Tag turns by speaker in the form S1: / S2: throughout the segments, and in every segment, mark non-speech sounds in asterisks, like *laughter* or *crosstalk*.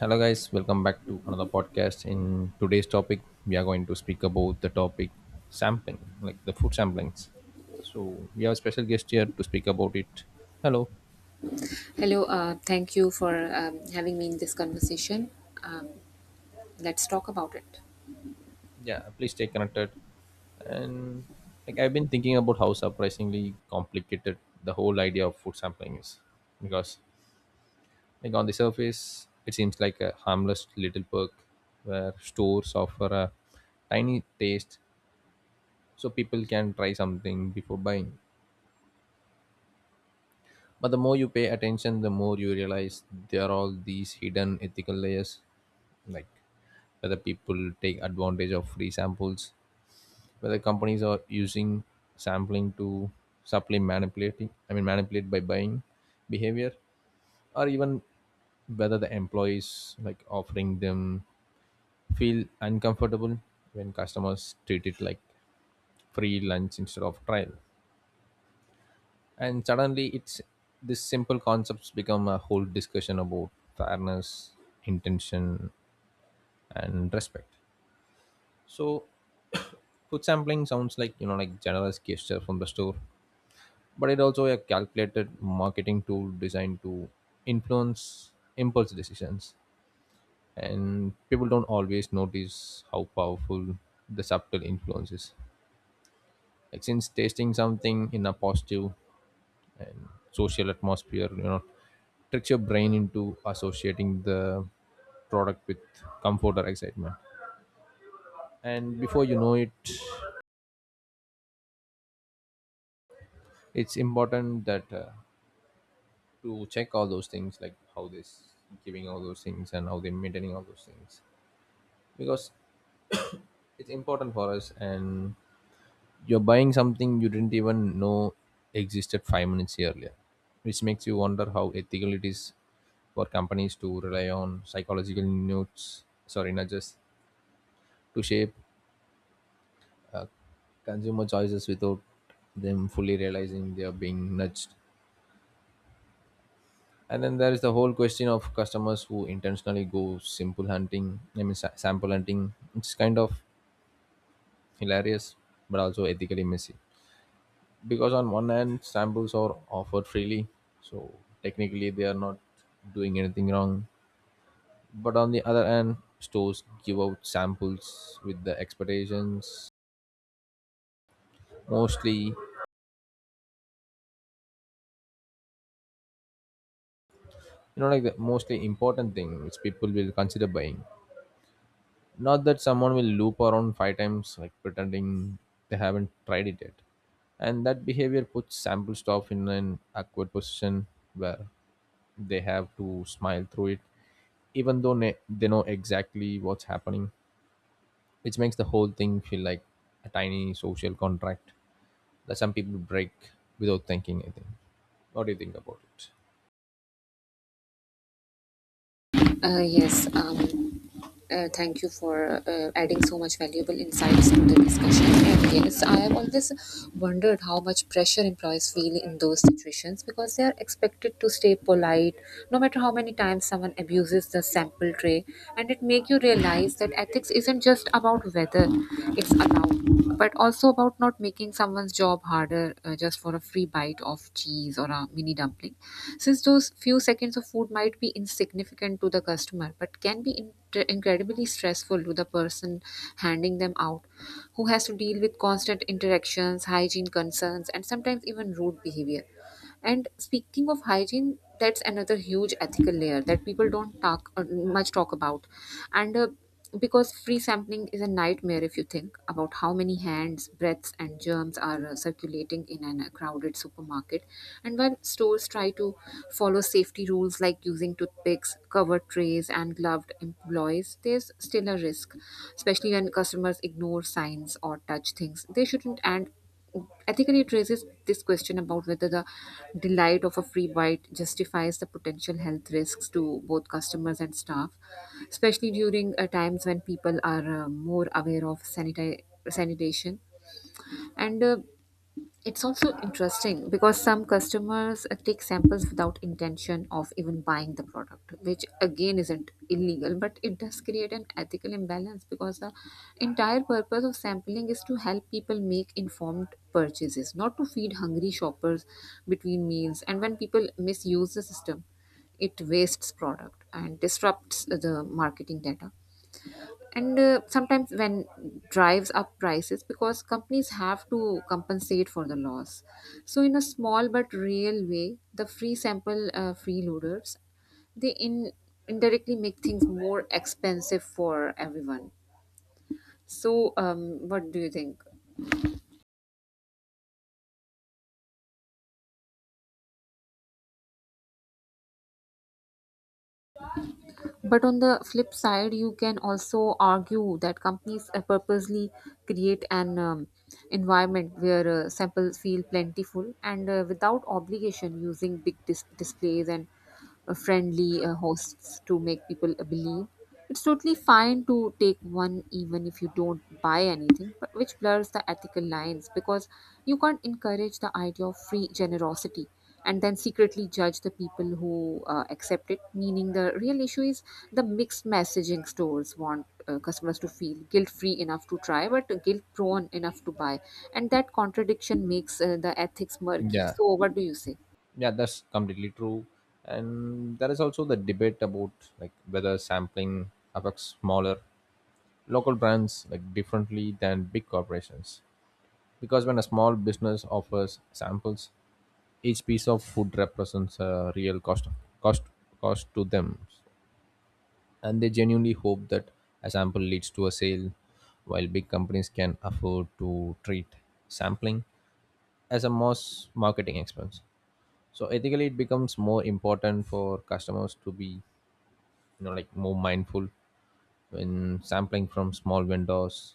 S1: Hello, guys. Welcome back to another podcast. In today's topic, we are going to speak about the topic sampling, like the food samplings. So, we have a special guest here to speak about it. Hello.
S2: Hello, thank you for having me in this conversation. Um, let's talk about it.
S1: Yeah, please stay connected. And like I've been thinking about how surprisingly complicated the whole idea of food sampling is, because like on the surface, it seems like a harmless little perk where stores offer a tiny taste so people can try something before buying. But the more you pay attention, the more you realize there are all these hidden ethical layers, like whether people take advantage of free samples, whether companies are using sampling to subtly I mean, manipulate by buying behavior, or even whether the employees like offering them feel uncomfortable when customers treat it like free lunch instead of trial. And suddenly it's this simple concepts become a whole discussion about fairness, intention, and respect. So food sampling sounds like, like, generous gesture from the store, but it also a calculated marketing tool designed to influence impulse decisions, and people don't always notice how powerful the subtle influence is, like since tasting something in a positive and social atmosphere tricks your brain into associating the product with comfort or excitement. And before you know it, it's important that, to check all those things, like how they're giving all those things and how they're maintaining all those things, because it's important for us. And you're buying something you didn't even know existed 5 minutes earlier, which makes you wonder how ethical it is for companies to rely on psychological nudges, to shape uh, consumer choices without them fully realizing they are being nudged. And then there is the whole question of customers who intentionally go I mean, sample hunting. It's kind of hilarious, but also ethically messy, because on one hand samples are offered freely, so technically they are not doing anything wrong, but on the other hand stores give out samples with the expectations, mostly, like, the mostly important thing which people will consider buying, not that someone will loop around 5 times like pretending they haven't tried it yet. And that behavior puts sample stuff in an awkward position where they have to smile through it, even though they know exactly what's happening, which makes the whole thing feel like a tiny social contract that some people break without thinking. I think. What do you think about it?
S2: Yes, thank you for adding so much valuable insights to the discussion. And yes, I have always wondered how much pressure employees feel in those situations because they are expected to stay polite no matter how many times someone abuses the sample tray. And it makes you realize that ethics isn't just about whether it's allowed, but also about not making someone's job harder just for a free bite of cheese or a mini dumpling, since those few seconds of food might be insignificant to the customer but can be incredibly stressful to the person handing them out, who has to deal with constant interactions, hygiene concerns, and sometimes even rude behavior. And speaking of hygiene, that's another huge ethical layer that people don't talk much talk about. And Because free sampling is a nightmare if you think about how many hands, breaths, and germs are circulating in a crowded supermarket. And while stores try to follow safety rules like using toothpicks, covered trays, and gloved employees, there's still a risk, especially when customers ignore signs or touch things they shouldn't. And ethically, it raises this question about whether the delight of a free bite justifies the potential health risks to both customers and staff, especially during times when people are more aware of sanitation. And It's also interesting because some customers take samples without intention of even buying the product, which again isn't illegal, but it does create an ethical imbalance, because the entire purpose of sampling is to help people make informed purchases, not to feed hungry shoppers between meals. And when people misuse the system, it wastes product and disrupts the marketing data, and sometimes when drives up prices because companies have to compensate for the loss. So in a small but real way, the free sample freeloaders, they in indirectly make things more expensive for everyone. So what do you think? But on the flip side, you can also argue that companies purposely create an environment where samples feel plentiful and without obligation, using big displays and friendly hosts to make people believe. It's totally fine to take one even if you don't buy anything, but which blurs the ethical lines, because you can't encourage the idea of free generosity and then secretly judge the people who accept it. Meaning, the real issue is the mixed messaging. Stores want customers to feel guilt free enough to try, but guilt prone enough to buy. And that contradiction makes the ethics murky.
S1: Yeah,
S2: So, what do you say?
S1: yeah, that's completely true. And there is also the debate about like whether sampling affects smaller local brands like differently than big corporations. Because when a small business offers samples, each piece of food represents a real cost cost to them, and they genuinely hope that a sample leads to a sale, while big companies can afford to treat sampling as a mass marketing expense. So ethically it becomes more important for customers to be, like, more mindful when sampling from small vendors,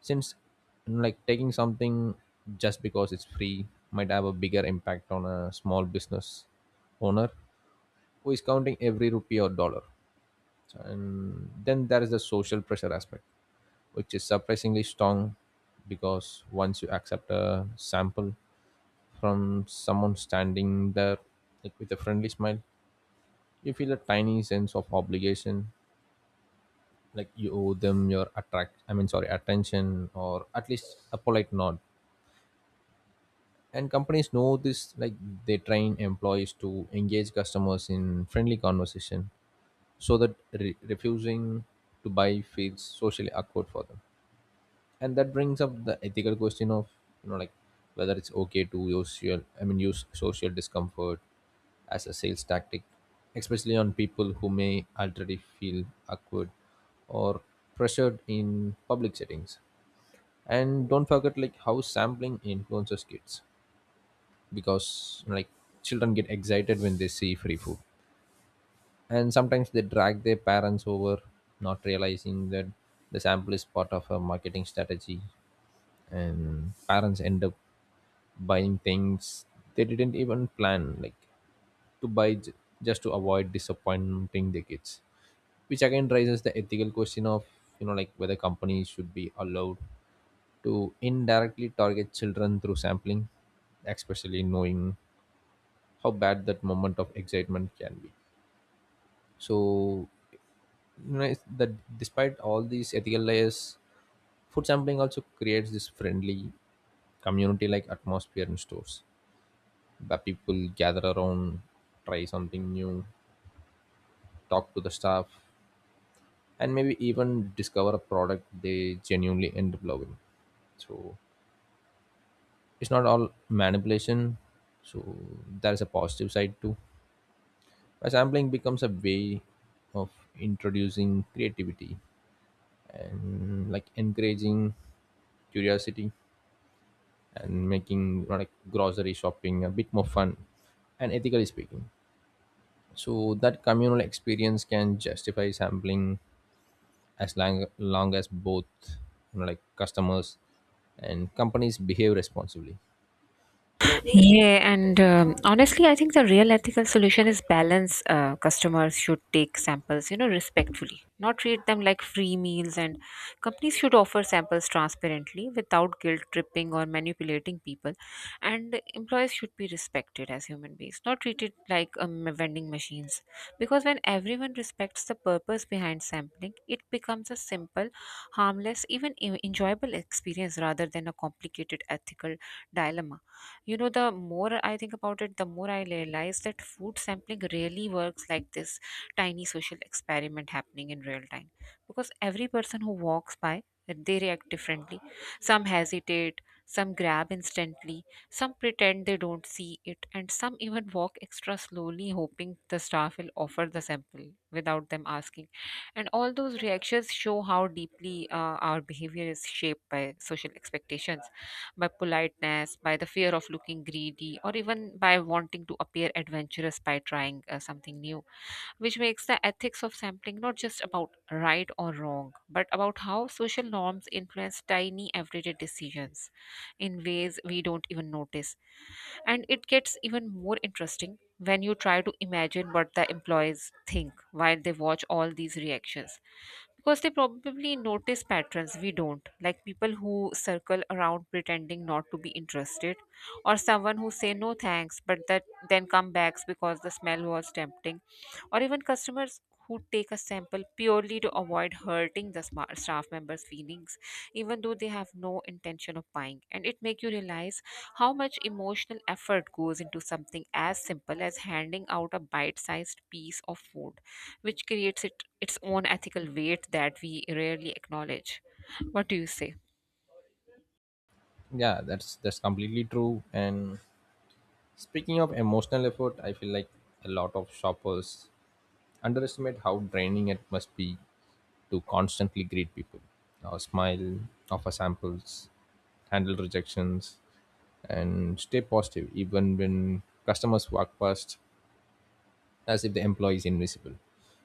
S1: since, like, taking something just because it's free might have a bigger impact on a small business owner who is counting every rupee or dollar. So, and then there is the social pressure aspect, which is surprisingly strong, because once you accept a sample from someone standing there like with a friendly smile, you feel a tiny sense of obligation, like you owe them your attract I mean, sorry, attention, or at least a polite nod. And companies know this, like they train employees to engage customers in friendly conversation so that refusing to buy feels socially awkward for them. And that brings up the ethical question of, like, whether it's okay to use social I mean, use social discomfort as a sales tactic, especially on people who may already feel awkward or pressured in public settings. And don't forget like how sampling influences kids, because, like, children get excited when they see free food, and sometimes they drag their parents over not realizing that the sample is part of a marketing strategy, and parents end up buying things they didn't even plan like to buy just to avoid disappointing the kids, which again raises the ethical question of, like, whether companies should be allowed to indirectly target children through sampling, especially knowing how bad that moment of excitement can be. So, it's that, despite all these ethical layers, food sampling also creates this friendly, community like atmosphere in stores, the people gather around, try something new, talk to the staff, and maybe even discover a product they genuinely end up loving. So it's not all manipulation. So there is a positive side too. But sampling becomes a way of introducing creativity and like encouraging curiosity and making, like, grocery shopping a bit more fun. And ethically speaking, so that communal experience can justify sampling as long as both, like, customers and companies behave responsibly. So
S2: Yeah, and honestly, I think the real ethical solution is balance. Customers should take samples, you know, respectfully, not treat them like free meals, and companies should offer samples transparently without guilt tripping or manipulating people. And employees should be respected as human beings, not treated like vending machines. Because when everyone respects the purpose behind sampling, it becomes a simple, harmless, even enjoyable experience rather than a complicated ethical dilemma. You know, the more I think about it, the more I realize that food sampling really works like this tiny social experiment happening in real time. Because every person who walks by, they react differently. Some hesitate, some grab instantly, some pretend they don't see it, and some even walk extra slowly, hoping the staff will offer the sample without them asking. And all those reactions show how deeply our behavior is shaped by social expectations, by politeness, by the fear of looking greedy, or even by wanting to appear adventurous by trying something new, which makes the ethics of sampling not just about right or wrong, but about how social norms influence tiny everyday decisions in ways we don't even notice. And it gets even more interesting when you try to imagine what the employees think while they watch all these reactions, because they probably notice patterns we don't, like people who circle around pretending not to be interested, or someone who say no thanks but that then come back because the smell was tempting, or even customers who take a sample purely to avoid hurting the staff members feelings even though they have no intention of buying. And it makes you realize how much emotional effort goes into something as simple as handing out a bite-sized piece of food, which creates it, its own ethical weight that we rarely acknowledge. What do you say?
S1: yeah, that's completely true. And speaking of emotional effort, I feel like a lot of shoppers underestimate how draining it must be to constantly greet people, or smile, offer samples, handle rejections, and stay positive even when customers walk past as if the employee is invisible.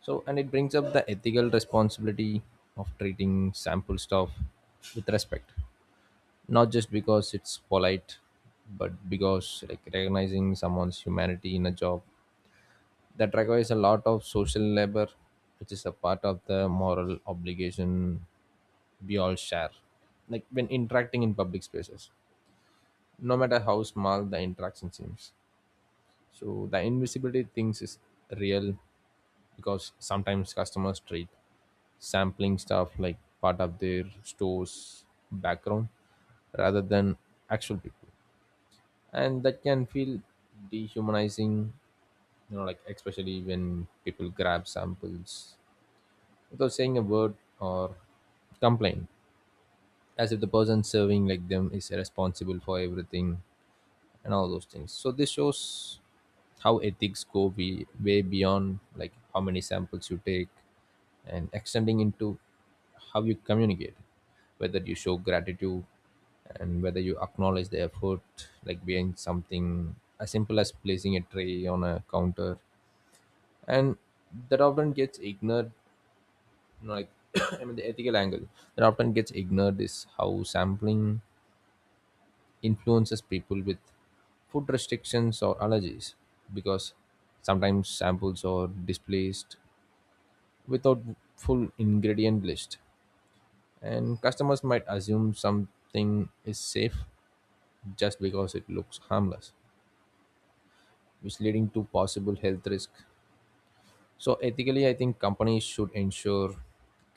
S1: So, and it brings up the ethical responsibility of treating sample staff with respect, not just because it's polite, but because like recognizing someone's humanity in a job that requires a lot of social labor, which is a part of the moral obligation we all share. Like when interacting in public spaces, no matter how small the interaction seems. So the invisibility things is real, because sometimes customers treat sampling stuff like part of their store's background rather than actual people, and that can feel dehumanizing, like, especially when people grab samples without saying a word, or complain as if the person serving like them is responsible for everything and all those things. So this shows how ethics go way beyond like how many samples you take, and extending into how you communicate, whether you show gratitude, and whether you acknowledge the effort like behind something as simple as placing a tray on a counter. And that often gets ignored, you know, like *coughs* *clears throat* I mean, the ethical angle that often gets ignored is how sampling influences people with food restrictions or allergies, because sometimes samples are displaced without full ingredient list, and customers might assume something is safe just because it looks harmless, which leading to possible health risk. So ethically I think companies should ensure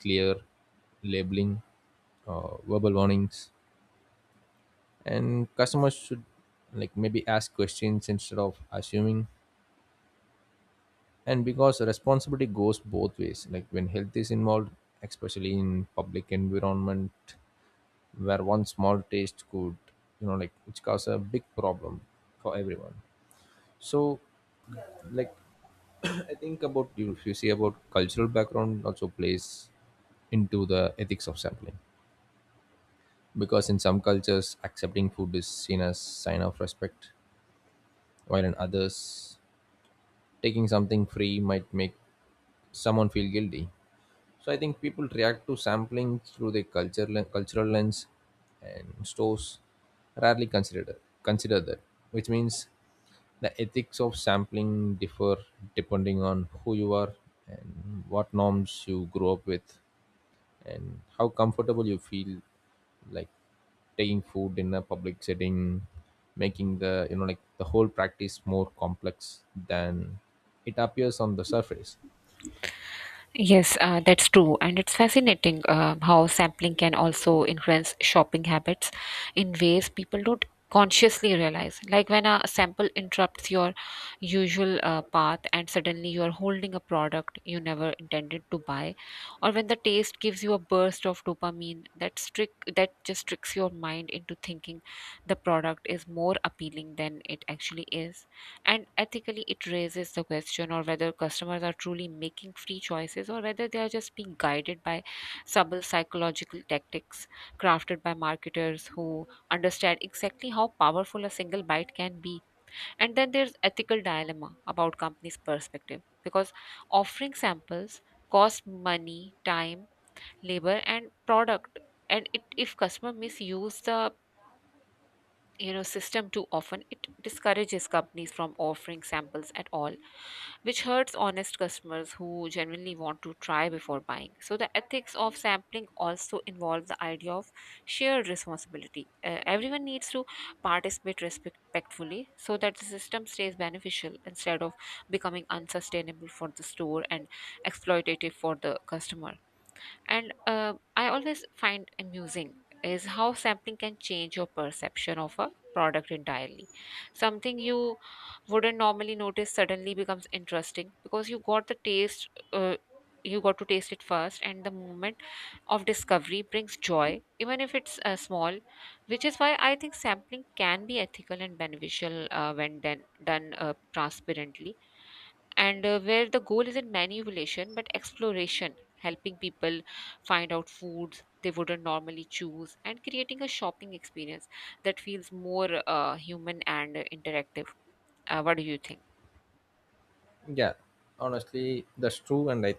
S1: clear labeling, verbal warnings, and customers should like maybe ask questions instead of assuming, and because responsibility goes both ways like when health is involved, especially in public environment, where one small taste could, which cause a big problem for everyone. So like *clears throat* I think about you, if you see, about cultural background also plays into the ethics of sampling, because in some cultures accepting food is seen as sign of respect, while in others taking something free might make someone feel guilty. So I think people react to sampling through their cultural lens, and stores rarely consider that, which means the ethics of sampling differ depending on who you are and what norms you grew up with and how comfortable you feel like taking food in a public setting, making the you know like the whole practice more complex than it appears on the surface.
S2: Yes, that's true. And it's fascinating how sampling can also influence shopping habits in ways people don't consciously realize. Like when a sample interrupts your usual path and suddenly you're holding a product you never intended to buy, or when the taste gives you a burst of dopamine that just tricks your mind into thinking the product is more appealing than it actually is. And ethically, it raises the question or whether customers are truly making free choices or whether they are just being guided by subtle psychological tactics crafted by marketers who understand exactly how powerful a single bite can be. And then there's ethical dilemma about companies' perspective, because offering samples costs money, time, labor, and product. And it, if customer misuse the system too often, it discourages companies from offering samples at all, which hurts honest customers who genuinely want to try before buying. So the ethics of sampling also involves the idea of shared responsibility. Everyone needs to participate respectfully so that the system stays beneficial instead of becoming unsustainable for the store and exploitative for the customer. And I always find amusing is how sampling can change your perception of a product entirely. Something you wouldn't normally notice suddenly becomes interesting because you got the taste, you got to taste it first, and the moment of discovery brings joy, even if it's small, which is why I think sampling can be ethical and beneficial when done transparently, and where the goal isn't manipulation but exploration, helping people find out foods they wouldn't normally choose, and creating a shopping experience that feels more human and interactive. What do you think?
S1: Yeah, honestly, that's true. And I,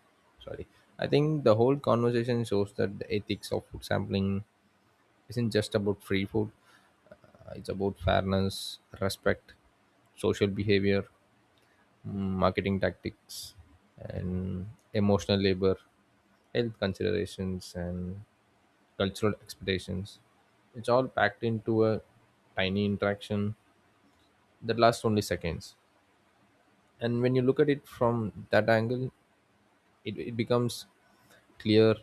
S1: *coughs* sorry, I think the whole conversation shows that the ethics of food sampling isn't just about free food. It's about fairness, respect, social behavior, marketing tactics, and emotional labor, health considerations, and cultural expectations. It's all packed into a tiny interaction that lasts only seconds. And when you look at it from that angle, it becomes clear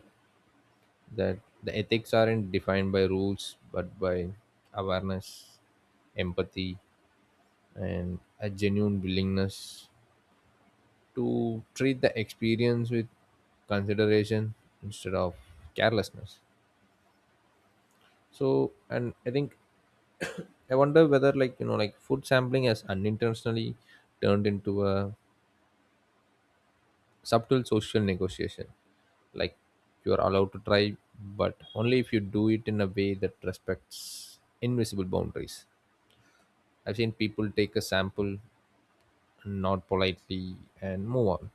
S1: that the ethics aren't defined by rules but by awareness, empathy, and a genuine willingness to treat the experience with consideration instead of carelessness. So, and I think I wonder whether, like, like, food sampling has unintentionally turned into a subtle social negotiation. Like, you're allowed to try, but only if you do it in a way that respects invisible boundaries. I've seen people take a sample, nod politely, and move on.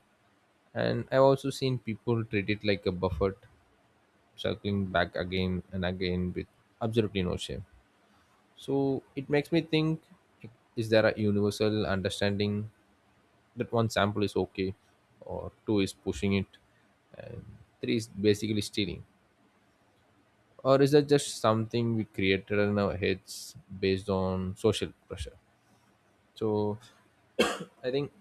S1: And I've also seen people treat it like a buffet, circling back again and again with absolutely no shame. So it makes me think, like, is there a universal understanding that one sample is okay, or two is pushing it, and three is basically stealing? Or is that just something we created in our heads based on social pressure? So I think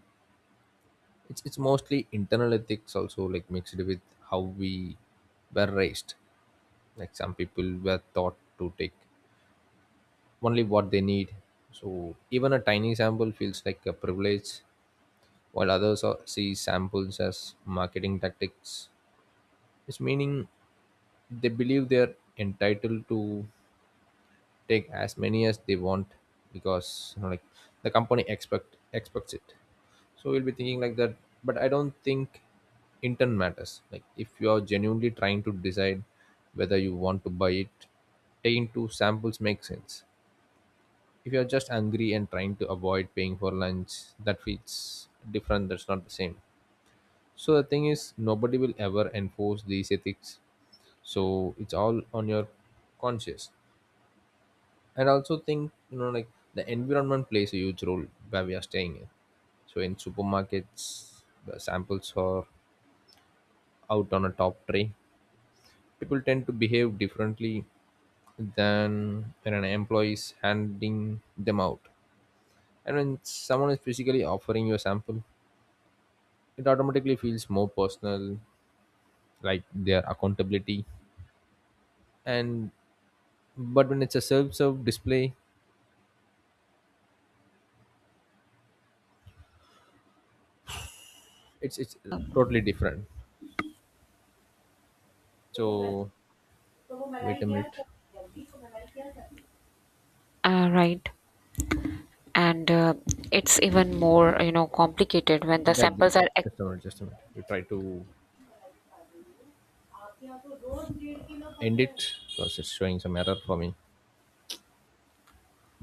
S1: it's mostly internal ethics also like mixed with how we were raised. Like some people were taught to take only what they need, so even a tiny sample feels like a privilege, while see samples as marketing tactics, it's meaning they believe they're entitled to take as many as they want, because, like, the company expects it, so we'll be thinking like that. But I don't think intent matters, like if you are genuinely trying to decide whether you want to buy it, taking 2 samples makes sense. If you're just angry and trying to avoid paying for lunch, that feels different, that's not the same. So the thing is nobody will ever enforce these ethics, so it's all on your conscience. And I also think, the environment plays a huge role, where we are staying in. So in supermarkets, the samples are out on a top tray, people tend to behave differently than when an employee is handing them out. And when someone is physically offering you a sample, it automatically feels more personal, like their accountability. And but when it's a self-serve display, it's totally different. So wait a minute.
S2: Right. And it's even more, you know, complicated when the
S1: That
S2: samples are
S1: just a minute, just a minute. You try to end it because it's showing some error for me.